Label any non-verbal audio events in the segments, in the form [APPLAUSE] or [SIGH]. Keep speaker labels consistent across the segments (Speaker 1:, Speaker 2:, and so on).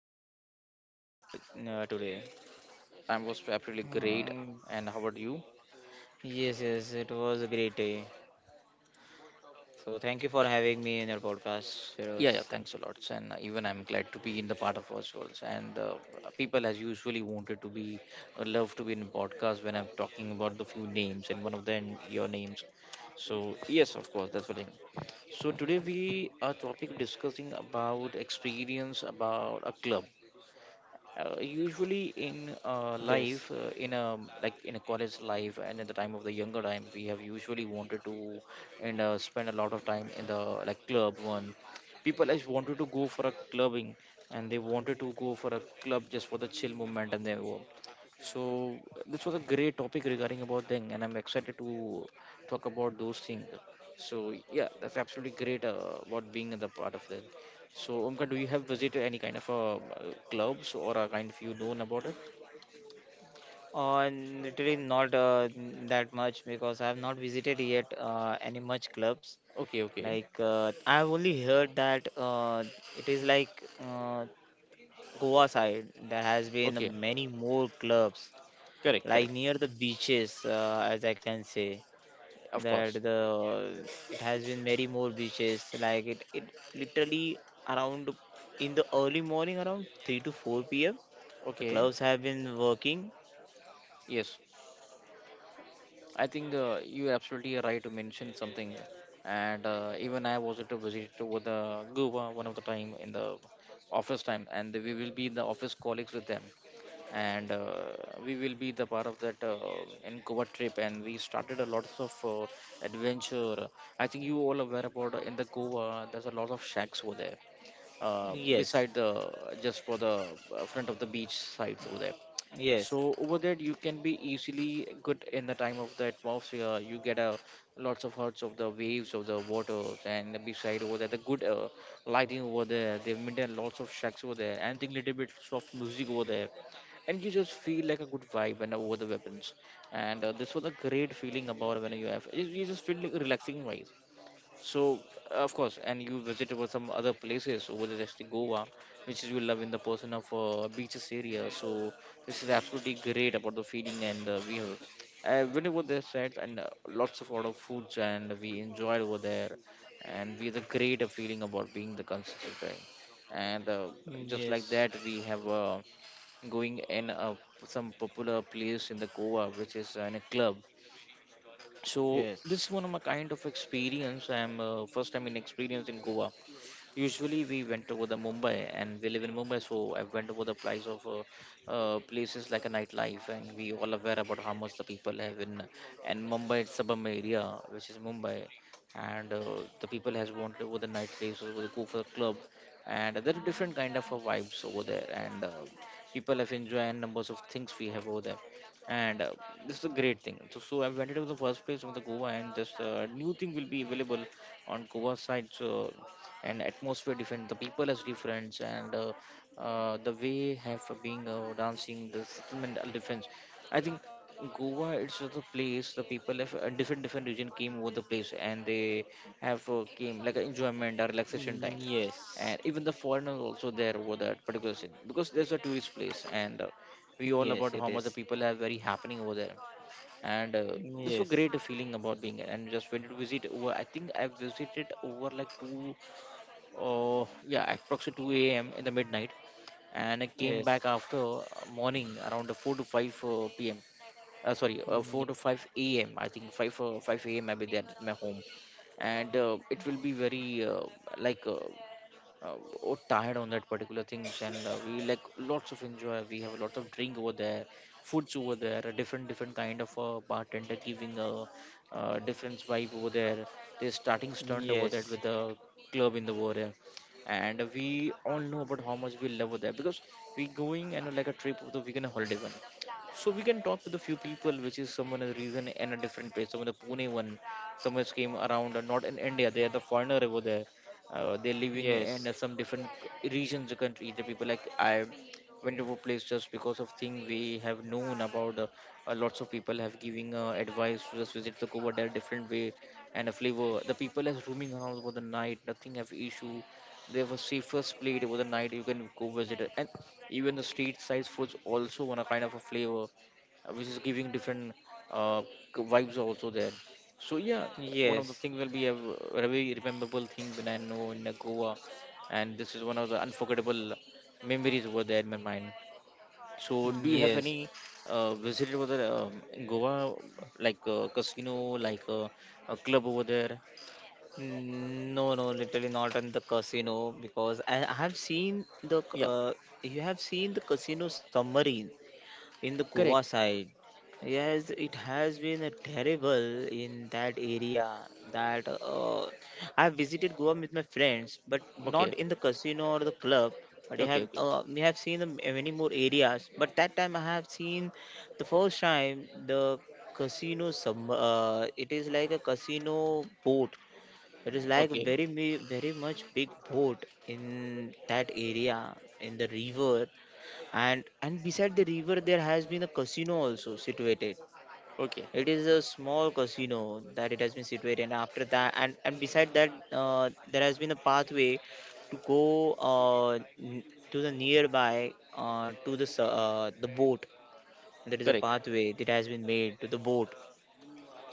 Speaker 1: So, how are you today?
Speaker 2: I was absolutely great.
Speaker 1: Um,
Speaker 2: And how about you?
Speaker 1: yes, it was a great day. So, thank you for having me in your podcast,
Speaker 2: Yeah,
Speaker 1: Feroz.
Speaker 2: yeah. Thanks a lot. And even I'm glad to be in the part of ourselves. And people, as usually, wanted to be love to be in podcast when I'm talking about the few names and one of them your names. So yes, of course, that's the thing. So today we are topic discussing about experience about a club usually
Speaker 1: Yes.
Speaker 2: in life in a like in a college life and in the time of the younger time we have usually wanted to and spend a lot of time in the like club one people has wanted to go for a clubbing and they wanted to go for a club just for the chill moment and they were so this was a great topic regarding about thing and I'm excited to talk about those things so yeah that's absolutely great about being in the part of that so, Omkar, do you have visited any kind of clubs or a kind of you known about it?
Speaker 1: On literally not that much because I have not visited yet any much clubs.
Speaker 2: Okay, okay,
Speaker 1: Like I have only heard that it is like uh, Goa side there has been
Speaker 2: okay.
Speaker 1: many more clubs
Speaker 2: Correct,
Speaker 1: like
Speaker 2: correct.
Speaker 1: near the beaches, as I can say.
Speaker 2: Of
Speaker 1: That
Speaker 2: course.
Speaker 1: the it has been many more beaches like it literally around in the early morning around 3 to 4 p.m the
Speaker 2: Okay,
Speaker 1: clubs have been working.
Speaker 2: yes. I think you absolutely right to mention something, and even I was at a visit to with the Goa one of the time in the office time, and we will be the office colleagues with them, and we will be the part of that in Goa trip, and we started a lots of adventure. I think you all aware about in the Goa, there's a lot of shacks over there,
Speaker 1: yes
Speaker 2: beside the just for the front of the beach sides over there
Speaker 1: yes
Speaker 2: so over there you can be easily good in the time of the atmosphere you get a lots of hertz of the waves of the waters and beside over there the good lighting over there they've maintained lots of shacks over there and think little bit soft music over there and you just feel like a good vibe when over the weapons and this was a great feeling about when you have you just feel like relaxing wise so of course, and you visited over some other places over the rest of Goa, which is you love in the person of beaches area. So this is absolutely great about the feeling and we have. Went over there sites and lots of lot of foods and we enjoyed over there, and we had a great feeling about being the consistent thing. And just like
Speaker 1: yes
Speaker 2: that, we have going in a, some popular place in the Goa, which is in a club so this is one of my kind of experience. I'm first time in experience in Goa. Usually we went over the Mumbai and we live in Mumbai, so I went over the price of places like a nightlife, and we all aware about how much the people have in and Mumbai it's suburban area, which is Mumbai, and the people has wanted over the night places, over the go for the club, and there are different kind of vibes over there, and people have enjoyed numbers of things we have over there and this is a great thing. So I went to the first place of the Goa, and this new thing will be available on Goa side. So and atmosphere different the people is different and the way have been dancing the settlement are different I think Goa it's the place the people of different different region came over the place and they have came like a enjoyment or relaxation time
Speaker 1: yes
Speaker 2: and even the foreigners also there over that particular scene because there's a tourist place and we
Speaker 1: yes
Speaker 2: all about
Speaker 1: yes
Speaker 2: how
Speaker 1: it
Speaker 2: much the
Speaker 1: is.
Speaker 2: people have very happening over there and this was
Speaker 1: Yes
Speaker 2: great feeling about being there and just went to visit over I think I visited over like two yeah, approximately 2 a.m. in the midnight, and I came
Speaker 1: yes yes
Speaker 2: back after morning around the 4 to 5 p.m. Sorry, 4 to 5 a.m. I think 5 a.m. I'll be there at my home, and it will be very like or tired on that particular things and we like lots of enjoy we have lots of drink over there foods over there a different different kind of bartender giving a different vibe over there they're starting stunned over that with the club in the over there and we all know about how much we love over there because we going and like a trip of the weekend holiday one so we can talk with a few people which is someone a reason in a different place someone the Pune one someone came around not in India they are the foreigner over there they're living
Speaker 1: yes
Speaker 2: in some different regions of the country the people like I went to a place just because of thing we have known about lots of people have giving advice to just visit the over there are different way and a flavor the people is roaming around over the night nothing have issue they have a safest plate over the night you can go visit it. And even the street size foods also want a kind of a flavor which is giving different uh, vibes also there so yeah, one of the
Speaker 1: yes
Speaker 2: things will be a very rememberable thing when I know in Goa, and this is one of the unforgettable memories over there in my mind. So do you have
Speaker 1: yes.
Speaker 2: any visit over there in Goa, like casino, like a club over there?
Speaker 1: No, no, literally not in the casino because I have seen the
Speaker 2: Yeah,
Speaker 1: you have seen the casino submarine in the Goa
Speaker 2: correct.
Speaker 1: side. Yes, it has been terrible in that area. That I have visited Goa with my friends, but not
Speaker 2: Okay,
Speaker 1: in the casino or the club. But I
Speaker 2: okay,
Speaker 1: have
Speaker 2: okay,
Speaker 1: we have seen the many more areas. But that time I have seen the first time the casino sub. It is like a casino boat. It is like
Speaker 2: okay,
Speaker 1: very much big boat in that area, in the river, and beside the river there has been a casino also situated.
Speaker 2: okay.
Speaker 1: It is a small casino that it has been situated, and after that, and beside that there has been a pathway to go to the nearby to the boat. There is a
Speaker 2: Correct,
Speaker 1: pathway that has been made to the boat,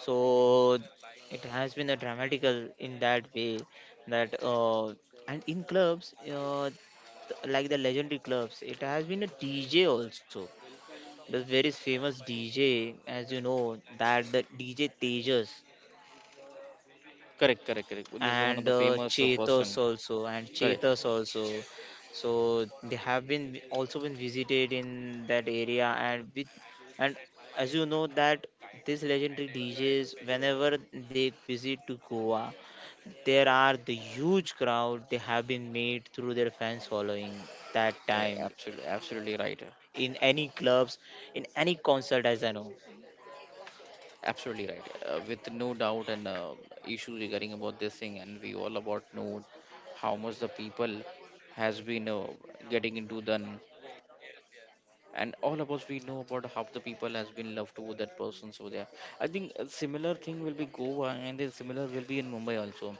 Speaker 1: so it has been a dramatical in that way. That uh, and in clubs, like the legendary clubs, it has been a DJ also, this very famous DJ, as you know, that the DJ Tejas
Speaker 2: correct, correct, correct. This is one of
Speaker 1: and
Speaker 2: the
Speaker 1: uh,
Speaker 2: famous
Speaker 1: cheetahs
Speaker 2: person.
Speaker 1: also and
Speaker 2: Correct.
Speaker 1: cheetahs also, so they have been also been visited in that area. And as you know that these legendary DJs, whenever they visit to Goa, there are the huge crowd they have been made through their fans following that
Speaker 2: Okay,
Speaker 1: time in
Speaker 2: absolutely,
Speaker 1: any
Speaker 2: absolutely
Speaker 1: clubs,
Speaker 2: right.
Speaker 1: in any concert, as I know.
Speaker 2: Absolutely right. With no doubt and issue regarding about this thing, and we all about know how much the people has been getting into the and all of us we know about how the people has been loved to that person so there I think a similar thing will be Goa and a similar will be in Mumbai also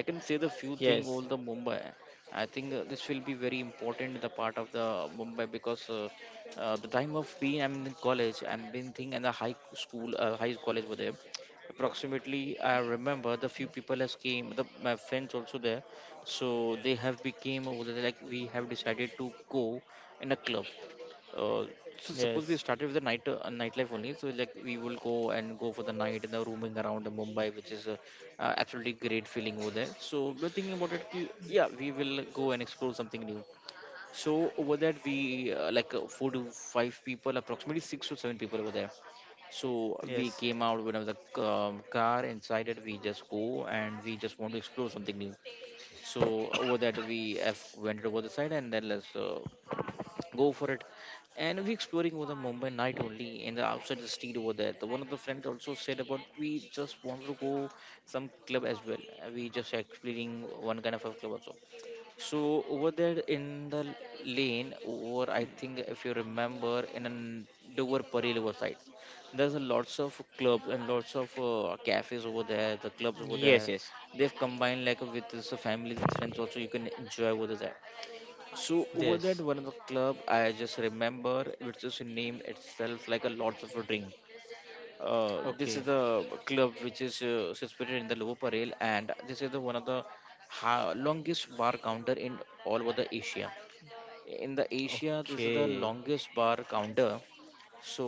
Speaker 2: I can say the few thing
Speaker 1: Yes,
Speaker 2: all the Mumbai I think this will be very important the part of the Mumbai because the time of being I'm in college I'm been thinking in the high school high college over there approximately I remember the few people has came the my friends also there so they have became over there like we have decided to go in a club uh, so suppose we
Speaker 1: yes,
Speaker 2: started with the night nightlife only. So like we will go and go for the night and the roaming around the Mumbai, which is a, absolutely great feeling over there. So we're thinking about it. Yeah, we will go and explore something new. So over that we like four to five people, approximately six to seven people over there. So we
Speaker 1: yes.
Speaker 2: came out with the car inside it. We just go and we just want to explore something new. So over that we have went over the side and then let's go for it and we exploring over the Mumbai night only in the outside the street over there the one of the friends also said about we just want to go some club as well. We just exploring one kind of a club also so over there in the lane or I think if you remember in an Dover Parel over side there's a lots of clubs and lots of cafes over there the clubs over there
Speaker 1: Yes, yes.
Speaker 2: they've combined like with this family friends also you can enjoy over there so over that
Speaker 1: Yes.
Speaker 2: one of the club, I just remember which is name itself like a lots of a drink. This is
Speaker 1: Okay.
Speaker 2: the club which is situated in the Lower Parel, and this is the one of the longest bar counter in all over the Asia. In the Asia, this is the
Speaker 1: Okay.
Speaker 2: longest bar counter. So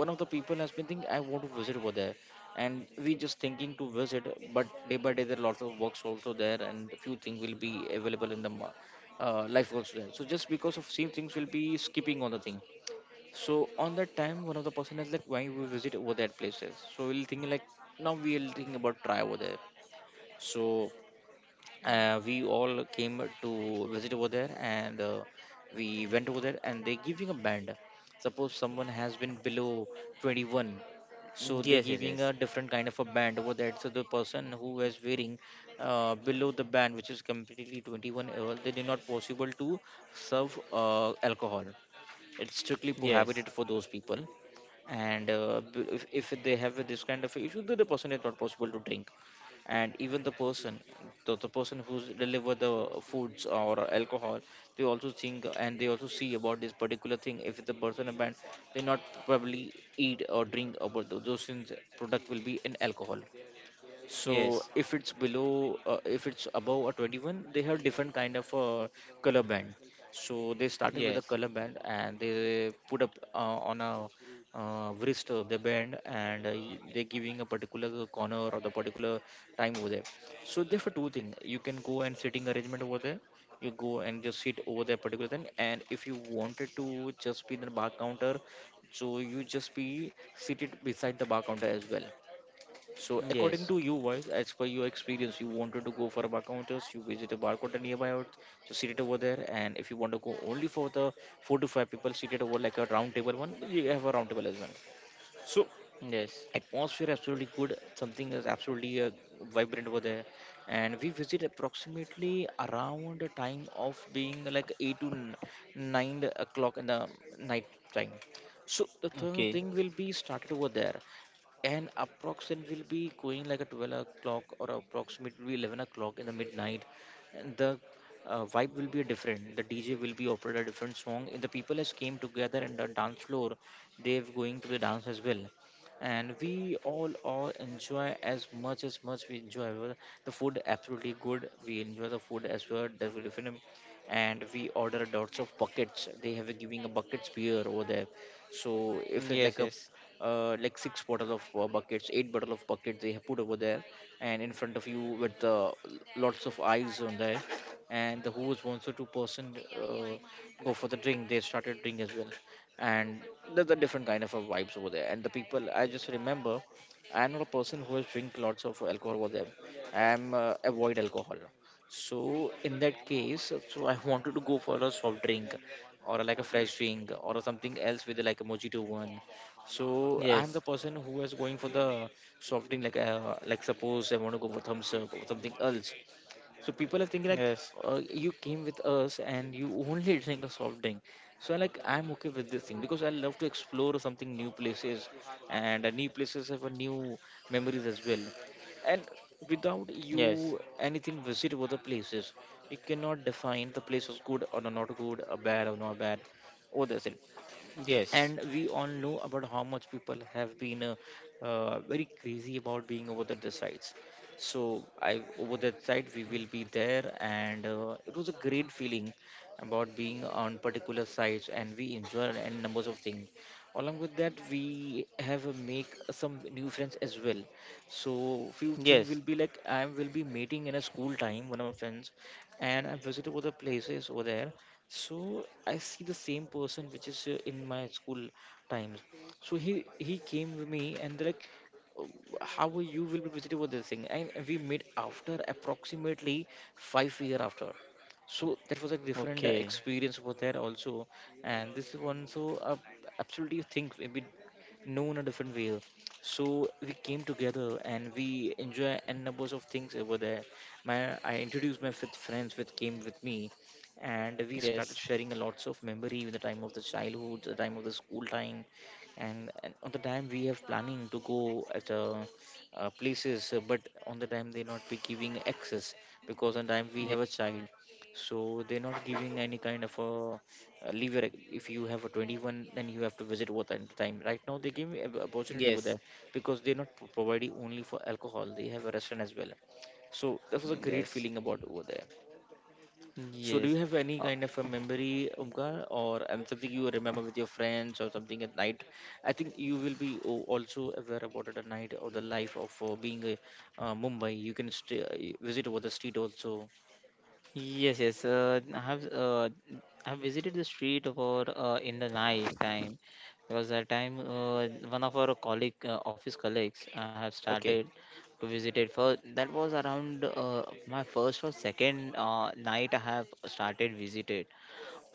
Speaker 2: one of the people has been thinking, I want to visit over there, and we just thinking to visit. But day by day there are lots of works also there, and few things will be available in the life also there. So just because of same things will be skipping on the thing. So on that time one of the person is like, why we visit over that places, so we'll think like, now we'll think about try over there. So, we all came to visit over there, and we went over there and they're giving a band. Suppose someone has been below 21, so
Speaker 1: Yes,
Speaker 2: they're
Speaker 1: yes, yes.
Speaker 2: giving a different kind of a band over there. So the person who was wearing below the band, which is completely 21-year old, they are not possible to serve alcohol. It's strictly
Speaker 1: Yes.
Speaker 2: prohibited for those people. And if they have this kind of issue, then the person is not possible to drink. And even the person, the person who's deliver the foods or alcohol, they also think and they also see about this particular thing. If the person a banned, they not probably eat or drink about those things. Product will be an alcohol. So
Speaker 1: Yes.
Speaker 2: if it's below, if it's above a 21, they have different kind of color band. So they started with a
Speaker 1: Yes.
Speaker 2: color band and they put up on a wrist, the band. And they're giving a particular corner or the particular time over there. So there for two things you can go, and sitting arrangement over there. You go and just sit over there particular thing, and if you wanted to just be in the bar counter, so you just be seated beside the bar counter as well. So, according
Speaker 1: Yes.
Speaker 2: to you, wise, as per your experience, you wanted to go for a bar counters. You visit a bar counter nearby out, so sit it over there. And if you want to go only for the four to five people seated over like a round table one, you have a round table as well. So
Speaker 1: Yes.
Speaker 2: atmosphere absolutely good, something is absolutely vibrant over there. And we visit approximately around the time of being like 8 to 9 o'clock in the night time. So the third
Speaker 1: Okay.
Speaker 2: thing will be started over there. And approximate will be going like a 12 o'clock or approximately 11 o'clock in the midnight. And the vibe will be different. The DJ will be operated a different song, and the people has came together in the dance floor. They're going to the dance as well. And we all enjoy as much we enjoy, well, the food absolutely good, we enjoy the food as well, definitely. And we order lots of buckets, they have a giving a buckets beer over there. So if it
Speaker 1: Yes,
Speaker 2: like a
Speaker 1: yes.
Speaker 2: like six bottle of buckets, eight bottle of buckets they have put over there. And in front of you with lots of eyes on there. And the who was one or two person go for the drink, they started drink as well. And there's a different kind of a vibes over there. And the people, I just remember, I'm not a person who has drink lots of alcohol over there. I'm avoid alcohol. So in that case, so I [LAUGHS] wanted to go for a soft drink, or like a fresh drink, or something else with like a mojito one. So I'm the
Speaker 1: Yes.
Speaker 2: person who was going for the soft drink, like suppose I want to go for thumbs up or something else. So people are thinking like,
Speaker 1: Yes.
Speaker 2: you came with us and you only [LAUGHS] drink a soft drink. So I like I'm okay with this thing, because I love to explore something new places, and new places have a new memories as well. And without
Speaker 1: Yes.
Speaker 2: you anything visit other places, you cannot define the place was good or not good, or bad or not bad. Oh, that's it.
Speaker 1: Yes.
Speaker 2: And we all know about how much people have been very crazy about being over the sides. So I over that side we will be there, and it was a great feeling about being on particular sites, and we enjoy and numbers of things. Along with that we have make some new friends as well. So few things
Speaker 1: Yes.
Speaker 2: will be like I will be meeting in a school time one of my friends, and I visited other places over there. So I see the same person which is in my school times. So he came with me and they're like, "Oh, how are you will be visiting with this thing?" And we met after approximately 5 year after. So that was a different
Speaker 1: Okay.
Speaker 2: experience over there also. And this is one, so absolutely think we known a different way. So we came together and we enjoy n numbers of things over there. My I introduced my fifth friends which came with me, and we started
Speaker 1: Yes.
Speaker 2: sharing a lots of memory with the time of the childhood, the time of the school time. And on the time we have planning to go at places, but on the time they not be giving access, because on time we
Speaker 1: Yes.
Speaker 2: have a child. So they're not giving any kind of a lever. If you have a 21, then you have to visit. What at the time right now, they give me
Speaker 1: Yes.
Speaker 2: opportunity
Speaker 1: Yes.
Speaker 2: over there, because they're not providing only for alcohol, they have a restaurant as well. So that was a great
Speaker 1: Yes.
Speaker 2: feeling about over there. So, do you have any
Speaker 1: Uh,
Speaker 2: kind of a memory, Umkar, or something you remember with your friends or something at night? I think you will be also aware about it at night, or the life of being a Mumbai. You can stay, visit over the street also.
Speaker 1: yes. Yes. I have visited the street for in the night time because that time one of our colleague, office colleagues I have started
Speaker 2: Okay.
Speaker 1: to visit it. For That was around my first or second night I have started visited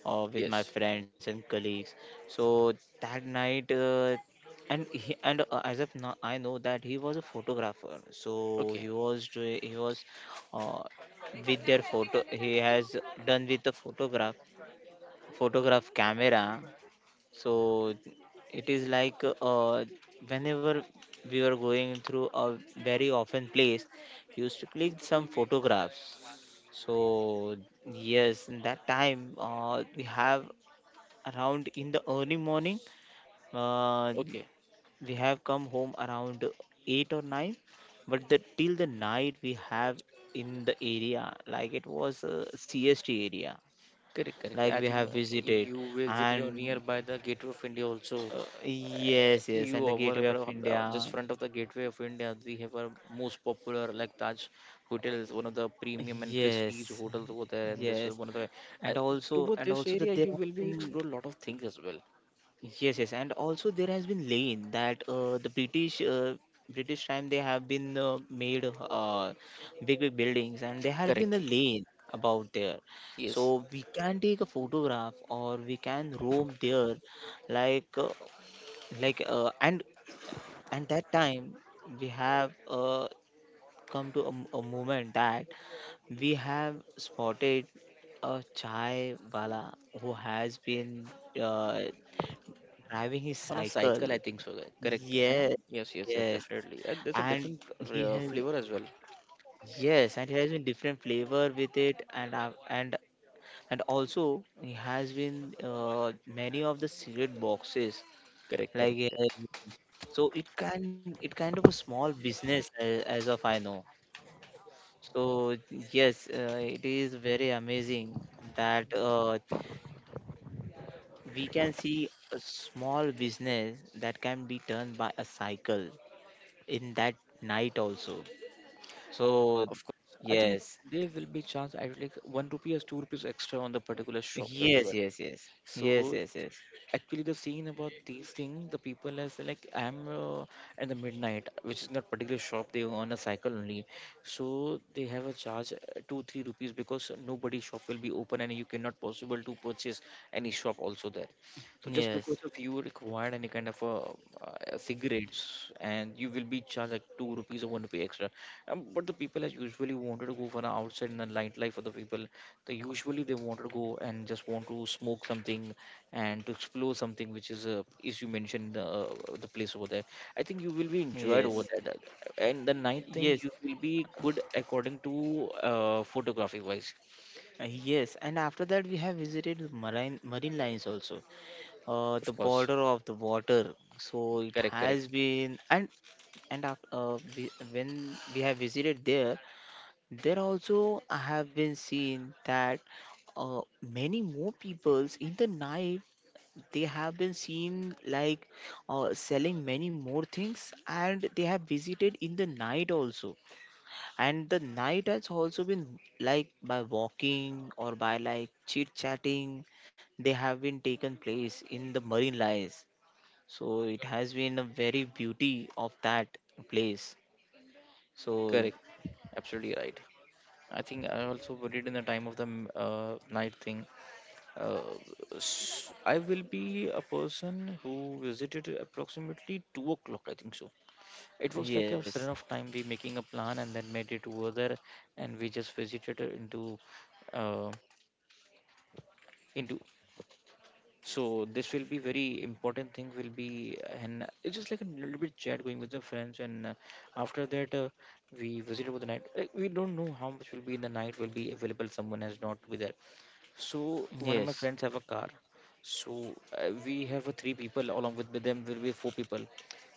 Speaker 1: with my
Speaker 2: Yes.
Speaker 1: friends and colleagues. So that night, and he, and as of now, I know that he was a photographer. So
Speaker 2: Okay.
Speaker 1: he was doing, he was uh, with their photo. He has done with the photograph, photograph camera. So it is like whenever we were going through a very often place, used to click some photographs. So yes in that time we have around in the early morning. Uh,
Speaker 2: Okay.
Speaker 1: we have come home around 8 or 9, but the till the night we have in the area, like it was a CST area,
Speaker 2: Correct, correct.
Speaker 1: like
Speaker 2: I
Speaker 1: we
Speaker 2: think
Speaker 1: have visited,
Speaker 2: you visited or
Speaker 1: and
Speaker 2: nearby the Gateway of India also.
Speaker 1: uh,
Speaker 2: Uh,
Speaker 1: yes, yes,
Speaker 2: you
Speaker 1: and the
Speaker 2: over
Speaker 1: Gateway of
Speaker 2: about just
Speaker 1: India,
Speaker 2: front of the Gateway of India, we have our most popular like Taj hotels, one of the premium and prestige
Speaker 1: yes,
Speaker 2: hotels over there. And this is
Speaker 1: yes,
Speaker 2: one of the uh,
Speaker 1: and also,
Speaker 2: over
Speaker 1: and
Speaker 2: this
Speaker 1: also
Speaker 2: area,
Speaker 1: that there
Speaker 2: you
Speaker 1: have
Speaker 2: will be
Speaker 1: been.
Speaker 2: explore a lot of things as well.
Speaker 1: Yes, yes, and also there has been lane that the British British time they have been made big big buildings, and there has been a
Speaker 2: Correct.
Speaker 1: lane about there, so
Speaker 2: Yes.
Speaker 1: we can take a photograph or we can roam there, like uh, like uh, and and that time we have come to a, a moment that we have spotted a chai wala who has been uh, driving his
Speaker 2: On a
Speaker 1: cycle.
Speaker 2: cycle, I think so, guy. Correct. Anna?
Speaker 1: Yes,
Speaker 2: Yes, yes, yes,
Speaker 1: yes,
Speaker 2: definitely. There's a
Speaker 1: and
Speaker 2: different
Speaker 1: he has
Speaker 2: flavor as well.
Speaker 1: yes, and he has been different flavor with it, and also he has been many of the cigarette boxes,
Speaker 2: Correct,
Speaker 1: like
Speaker 2: correct,
Speaker 1: uh,
Speaker 2: correct.
Speaker 1: so it can, it kind of a small business, as of I know. So yes, it is very amazing that we can see a small business that can be done by a cycle in that night also. So,
Speaker 2: Of course, I think
Speaker 1: yes,
Speaker 2: there will be chance at like one rupee or two rupees extra on the particular shop as
Speaker 1: yes,
Speaker 2: well.
Speaker 1: yes, yes, yes,
Speaker 2: So
Speaker 1: yes,
Speaker 2: actually the scene about these things, the people as like I'm at the midnight, which is not particular shop, they on a cycle only. So they have a charge 2 3 rupees, because nobody shop will be open and you cannot possible to purchase any shop also there. So
Speaker 1: yes,
Speaker 2: just because of
Speaker 1: yes,
Speaker 2: you required any kind of cigarettes, and you will be charged like two rupees or one rupee extra. But the people as usually wanted to go for an outside in the nightlife of the people, they usually they wanted to go and just want to smoke something, and to explore something which is you mentioned the place over there. I think you will be enjoyed
Speaker 1: yes,
Speaker 2: over there, and the night
Speaker 1: yes,
Speaker 2: thing, you will be good according to photography wise.
Speaker 1: yes. And after that, we have visited marine, marine lines also,
Speaker 2: Of
Speaker 1: the
Speaker 2: course,
Speaker 1: border of the water. So it
Speaker 2: correct,
Speaker 1: has
Speaker 2: correct,
Speaker 1: been, and when we have visited there, there also I have been seen that many more peoples in the night they have been seen like selling many more things, and they have visited in the night also, and the night has also been like by walking or by like chit chatting, they have been taken place in the marine lies. So it has been a very beauty of that place. So
Speaker 2: correct, absolutely right. I think I also worried in the time of the night thing, uh, I will be a person who visited approximately 2 o'clock, I think so. It was like a
Speaker 1: yes,
Speaker 2: certain of time we making a plan and then made it over there, and we just visited into, uh, into. So this will be very important thing will be. And it's just like a little bit chat going with the friends, and after that, we visited with the night like, we don't know how much will be in the night will be available, someone has not with there. So one of my
Speaker 1: yes,
Speaker 2: friends have a car. So, we have a three people, along with them will be four people.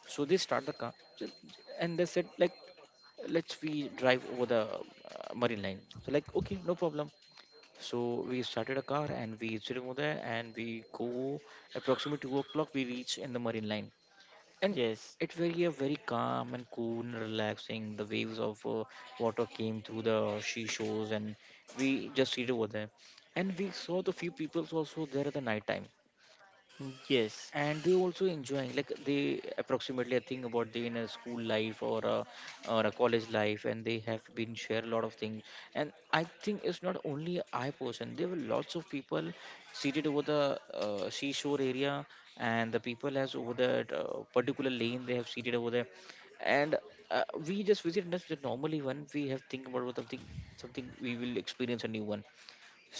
Speaker 2: So they start the car, ju- and they said like, let's we drive over the marine line. So like, okay, no problem. So we started a car and we sit over there, and we go approximately 2 o'clock we reach in the marine line, and
Speaker 1: yes,
Speaker 2: it was a very calm and cool and relaxing. The waves of water came through the sea shores, and we just seated over there. And we saw the few peoples also there at the night time,
Speaker 1: yes,
Speaker 2: and they also enjoying like they approximately I think about they in a school life or a college life, and they have been share a lot of things. And I think it's not only I person, there were lots of people seated over the seashore area, and the people has over that particular lane they have seated over there. And we just visit just the normally one we have think about what something, something we will experience a new one.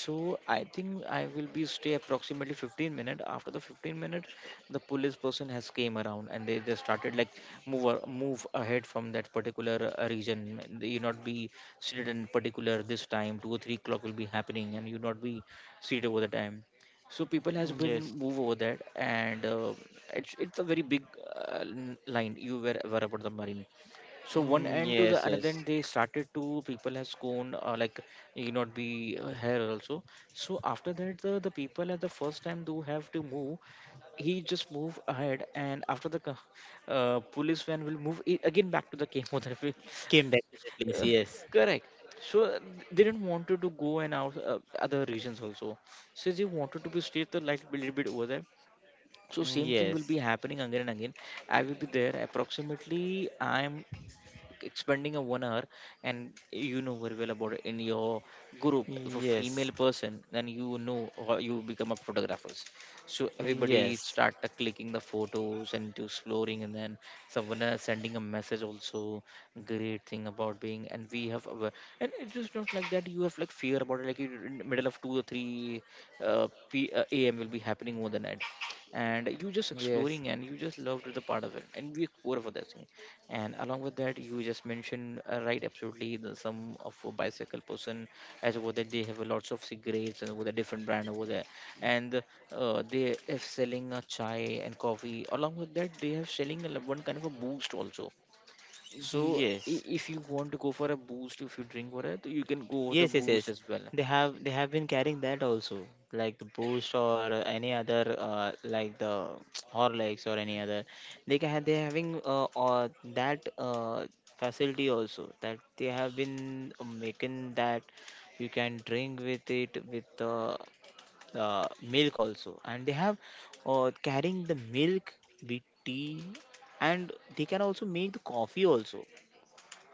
Speaker 2: So I think I will be stay approximately 15 minutes. After the 15 minutes, the police person has came around and they just started like move ahead from that particular region. They- You not be seated in particular this time. 2 or 3 o'clock will be happening, and you not be seated over the time. So people has been
Speaker 1: yes,
Speaker 2: move over that, and it's a very big line. You were aware about the marine, so one end to the
Speaker 1: yes,
Speaker 2: another
Speaker 1: yes,
Speaker 2: end they started to people has gone like you not be here also. So after that the people at the first time do have to move, he just move ahead, and after the police van will move I- again back to the chemotherapy. [LAUGHS]
Speaker 1: came back to that place.
Speaker 2: Uh,
Speaker 1: Yes.
Speaker 2: Correct. So they didn't want to go and out other regions also, so they wanted to be stay the light a little bit over there. So same thing will be
Speaker 1: Yes.
Speaker 2: happening again and again. I will be there approximately I am expending a 1 hour. And you know very well about it in your group, if a female
Speaker 1: Yes,
Speaker 2: person then you know, or you become a photographers. So everybody
Speaker 1: yes,
Speaker 2: start clicking the photos and to exploring, and then someone sending a message also. Great thing about being, and we have our, and it's just not like that you have like fear about it, like you- in the middle of 2 or 3 p am will be happening over the night, and you just
Speaker 1: yes,
Speaker 2: exploring and you just loved the part of it, and we explore for that thing. And along with that you just mentioned right absolutely, the some of a bicycle person as over there, they have a lots of cigarettes and over the different brand over there. And they have selling a chai and coffee, along with that they have selling a one kind of a boost also. So
Speaker 1: yes,
Speaker 2: I- if you want to go for a boost, if you drink water you can go with the
Speaker 1: yes, yes,
Speaker 2: boost
Speaker 1: yes.
Speaker 2: as well.
Speaker 1: They have, they have been carrying that also, like the Boost or any other, like the [TSK] Horlicks or any other. They can, they having that facility also that they have been making that. You can drink with it, with the milk also, and they have carrying the milk with tea, and they can also make the coffee also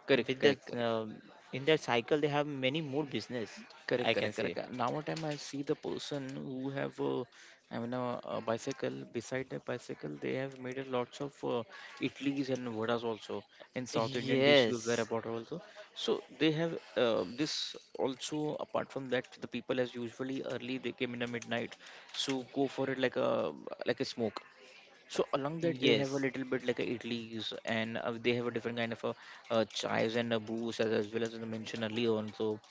Speaker 2: Correct,
Speaker 1: with that.
Speaker 2: correct, correct.
Speaker 1: In that cycle they have many more business,
Speaker 2: Correct,
Speaker 1: I can
Speaker 2: correct,
Speaker 1: say.
Speaker 2: correct. Now time I see the person who have I mean a bicycle. Beside the bicycle, they have made a lots of idlis and vadas also in South Indian dish you were
Speaker 1: Yes,
Speaker 2: about also. So they have this also. Apart from that, the people as usually early they came in the midnight, so go for it like a smoke. So along that they have a
Speaker 1: yes,
Speaker 2: little bit like a idlis and they have a different kind of a chais and a booze as well as I mentioned earlier on. So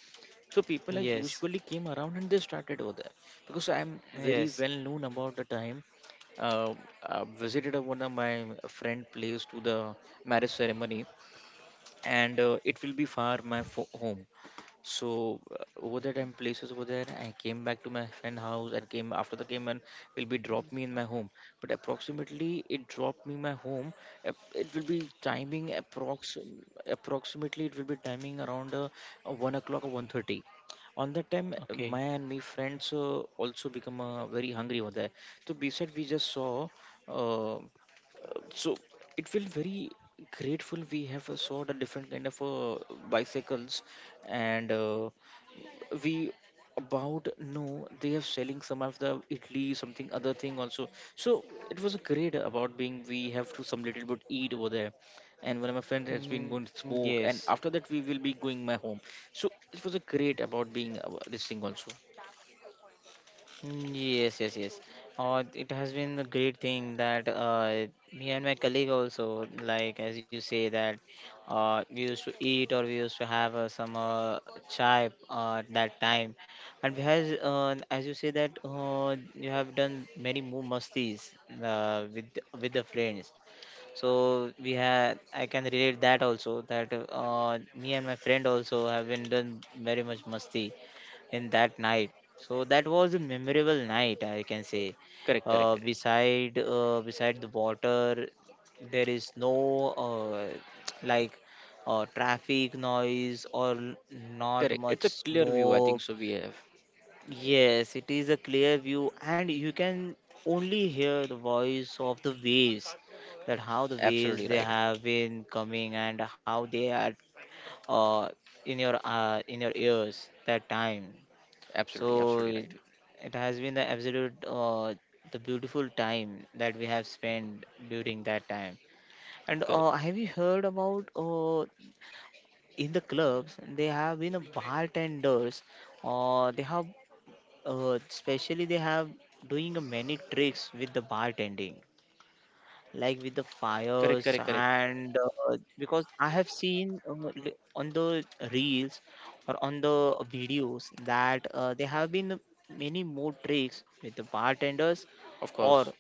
Speaker 2: so people has
Speaker 1: yes,
Speaker 2: usually came around and they started over there, because I'm very
Speaker 1: yes.
Speaker 2: well known about the time. Uh, I visited a- one of my friend place to the marriage ceremony, and it will be far my fo- home. So over there time places over there, I came back to my friend house and came after the game and will be drop me in my home. But approximately it dropped me my home. It will be timing approx approximately it will be timing around 1 o'clock or 1:30. On that time,
Speaker 1: Okay.
Speaker 2: my and me friends also become very hungry over there. So beside we just saw. Uh, so it feel very grateful, we have saw the different kind of bicycles, and we about know they are selling some of the italy something other thing also. So it was great about being, we have to some little bit eat over there, and one of my friends has been going to
Speaker 1: Yes.
Speaker 2: smoke, and after that we will be going my home. So it was a great about being this thing also.
Speaker 1: Yes, yes, yes. It has been a great thing that me and my colleague also, like as you say that we used to eat or we used to have some chai at that time, and we has as you say that you have done many more mastis with the friends. So we had, I can relate that also, that me and my friend also have been done very much masti in that night. So that was a memorable night, I can say.
Speaker 2: Correct, correct,
Speaker 1: Uh,
Speaker 2: correct.
Speaker 1: beside uh, beside the water, there is no [TSK] like traffic noise or not
Speaker 2: Correct, it's
Speaker 1: much
Speaker 2: a clear view I think,
Speaker 1: smoke.
Speaker 2: so we have
Speaker 1: Yes, it is a clear view, and you can only hear the voice of the waves. That how the
Speaker 2: absolutely
Speaker 1: waves they
Speaker 2: right.
Speaker 1: have been coming and how they are uh, in your ears that time. So
Speaker 2: Absolutely, absolutely
Speaker 1: it has been the absolute the beautiful time that we have spent during that time. And
Speaker 2: right.
Speaker 1: have you heard about in the clubs they have been a bartenders, or they have especially they have doing a many tricks with the bartending, like with the
Speaker 2: Correct,
Speaker 1: fires,
Speaker 2: correct, correct.
Speaker 1: and because I have seen on the reels or on the videos that there have been many more tricks with the bartenders,
Speaker 2: Of
Speaker 1: or
Speaker 2: course.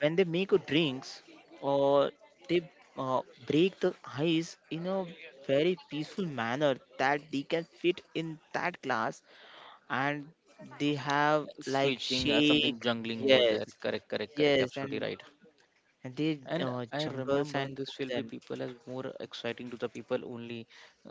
Speaker 1: when they make a drinks, or they uh, break the ice in a very peaceful manner that they can fit in that glass, and they have like
Speaker 2: Switching, something
Speaker 1: shake,
Speaker 2: jungling over
Speaker 1: yes,
Speaker 2: there. Correct, correct, correct.
Speaker 1: yes,
Speaker 2: Absolutely
Speaker 1: and
Speaker 2: right.
Speaker 1: the
Speaker 2: And I
Speaker 1: jungles,
Speaker 2: remember
Speaker 1: and
Speaker 2: this
Speaker 1: put
Speaker 2: will be
Speaker 1: them.
Speaker 2: people as more exciting to the people only,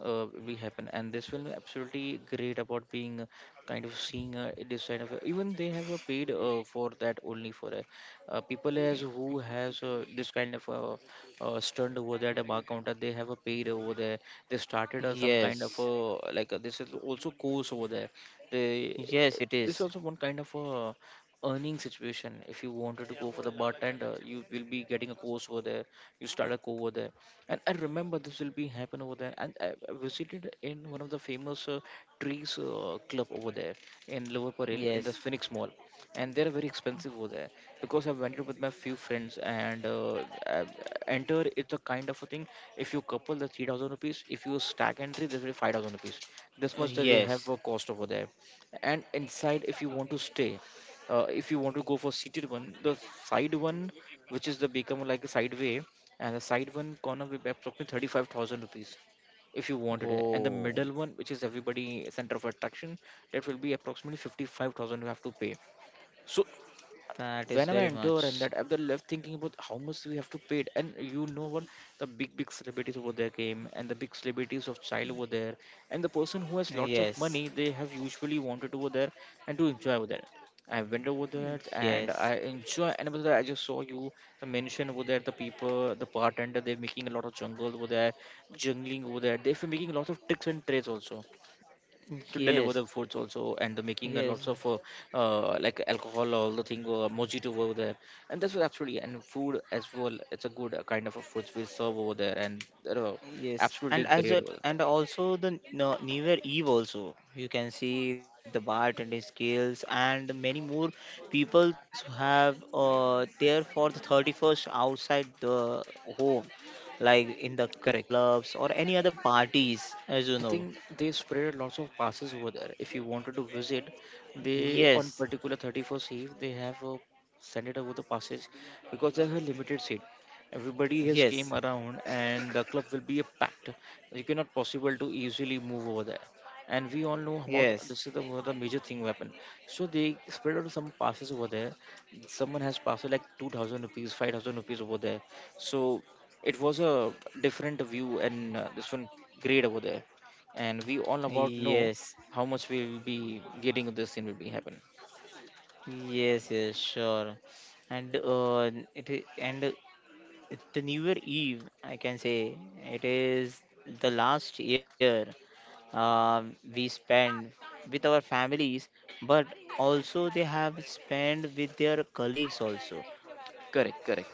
Speaker 2: will happen, and this will absolutely great about being kind of seeing this kind of, even they have a paid for that only for people as who has this kind of stunned over that bar counter, they have a paid over there. They started some kind of
Speaker 1: Yes,
Speaker 2: like this is also course over there. They,
Speaker 1: yes, it
Speaker 2: this is
Speaker 1: is.
Speaker 2: also one kind of a earning situation, if you wanted to go for the bartender you will be getting a course over there, you start a course over there. And I remember this will be happen over there, and I visited in one of the famous trees club over there in Lower Parel in the
Speaker 1: Yes.
Speaker 2: Phoenix Mall, and they're very expensive over there, because I went with my few friends, and I enter, it's a kind of a thing, if you couple the 3,000 rupees, if you stack entry there will be 5,000 rupees, this much that they have
Speaker 1: Yes.
Speaker 2: a cost over there. And inside if you want to stay, if you want to go for seated one, the side one, which is the become like a side way, and the side one corner will be approximately 35,000 rupees if you wanted it. And the
Speaker 1: Oh,
Speaker 2: middle one which is everybody center of attraction, that will be approximately 55,000 you have to pay. So
Speaker 1: that is
Speaker 2: when I
Speaker 1: very
Speaker 2: enter and
Speaker 1: much.
Speaker 2: that I'm left thinking about how much we have to pay it. And you know what? The big, big celebrities over there came, and the big celebrities of child over there. And the person who has lots of
Speaker 1: Yes,
Speaker 2: money, they have usually wanted over there and to enjoy over there. I went over there and
Speaker 1: yes,
Speaker 2: I enjoy. And over there, I just saw you, the mention over there, the people, the bartender, they're making a lot of jungle over there, jungling over there. They're making a lot of tricks and trades also, to deliver
Speaker 1: yes,
Speaker 2: the foods also, and the making a
Speaker 1: yes.
Speaker 2: lots of like alcohol, all the thing mojito over there. And that's what absolutely, and food as well, it's a good kind of a foods we serve over there, and they're
Speaker 1: Yes,
Speaker 2: absolutely
Speaker 1: and as
Speaker 2: great
Speaker 1: a
Speaker 2: over
Speaker 1: and
Speaker 2: there.
Speaker 1: also the no, New Year Eve also you can see the bartending skills, and many more peoples who have there for the 31st outside the home, like in the
Speaker 2: Correct.
Speaker 1: clubs or any other parties, as you
Speaker 2: I
Speaker 1: know.
Speaker 2: think they spread lots of passes over there. If you wanted to visit, they on
Speaker 1: Yes,
Speaker 2: particular 31st Eve they have sent it over the passes, because they have a limited seat. Everybody has came
Speaker 1: yes,
Speaker 2: around, and the club will be a packed. You cannot possible to easily move over there. And we all know about
Speaker 1: yes,
Speaker 2: this is the, one of the major thing weapon. So they spread out some passes over there. Someone has passed like 2,000 rupees, 5,000 rupees over there. So it was a different view, and this one great over there, and we all about know
Speaker 1: yes,
Speaker 2: how much we will be getting, this thing will be happen.
Speaker 1: yes, yes, sure. And the New Year Eve, I can say, it is the last year, uh, we spend with our families, but also they have spent with their colleagues also.
Speaker 2: Correct, correct.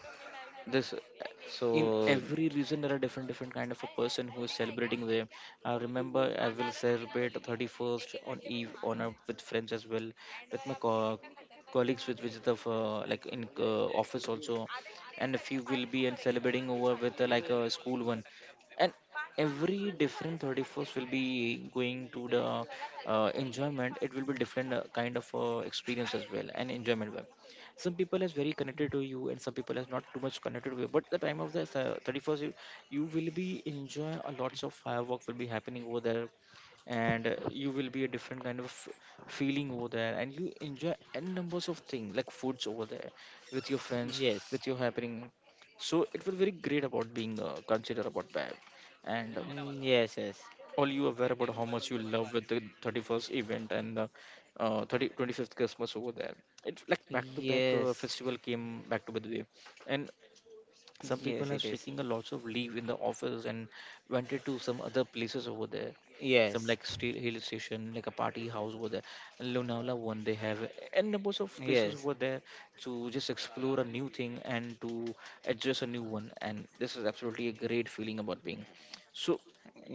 Speaker 2: This
Speaker 1: So
Speaker 2: in every region there are different different kind of a person who is celebrating them. I remember I will celebrate 31st on eve on a, with friends as well, with my colleagues, with which the like in office also, and a few will be and celebrating over with like a school one, and every different 31st will be going to the enjoyment, it will be different kind of experience as well, and enjoyment. Some people is very connected to you, and some people is not too much connected with you. But the time of the 31st, you will be enjoying a lots of firework will be happening over there. And you will be a different kind of feeling over there, and you enjoy n numbers of things like foods over there, with your friends,
Speaker 1: yes,
Speaker 2: with your happening. So it will very great about being considered about that. And
Speaker 1: Yes,
Speaker 2: all you aware about how much you love with the 31st event, and the 30, 25th Christmas over there. It's like back to back
Speaker 1: yes, yes,
Speaker 2: festival came back to back way, and some
Speaker 1: yes, it
Speaker 2: people are
Speaker 1: is.
Speaker 2: taking a lots of leave in the office, and went to some other places over there. Some
Speaker 1: Yes,
Speaker 2: like state hill station, like a party house over there, and Lonavala one they have, and numbers of places
Speaker 1: yes,
Speaker 2: over there, to just explore a new thing, and to address a new one. And this is absolutely a great feeling about being. So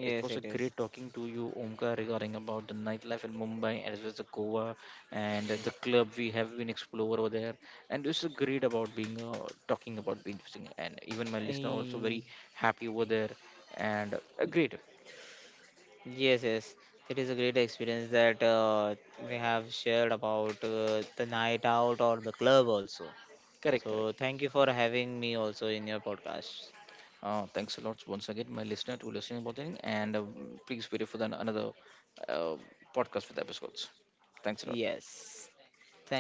Speaker 2: it was a
Speaker 1: it is.
Speaker 2: great talking to you, Omkar, regarding about the nightlife in Mumbai as well as the Goa, and the club we have been explore over there. And it's great about being talking about being interesting. And even my listener also
Speaker 1: Eh,
Speaker 2: very happy over there. And great,
Speaker 1: yes, yes, it is a great experience that we have shared about the night out or the club also.
Speaker 2: correct,
Speaker 1: So
Speaker 2: correct.
Speaker 1: thank you for having me also in your podcast.
Speaker 2: Thanks a lot once again, my listener, to listening about it. And please wait for the, another uh, podcast with episodes. Thanks a lot.
Speaker 1: Yes. Thanks a lot.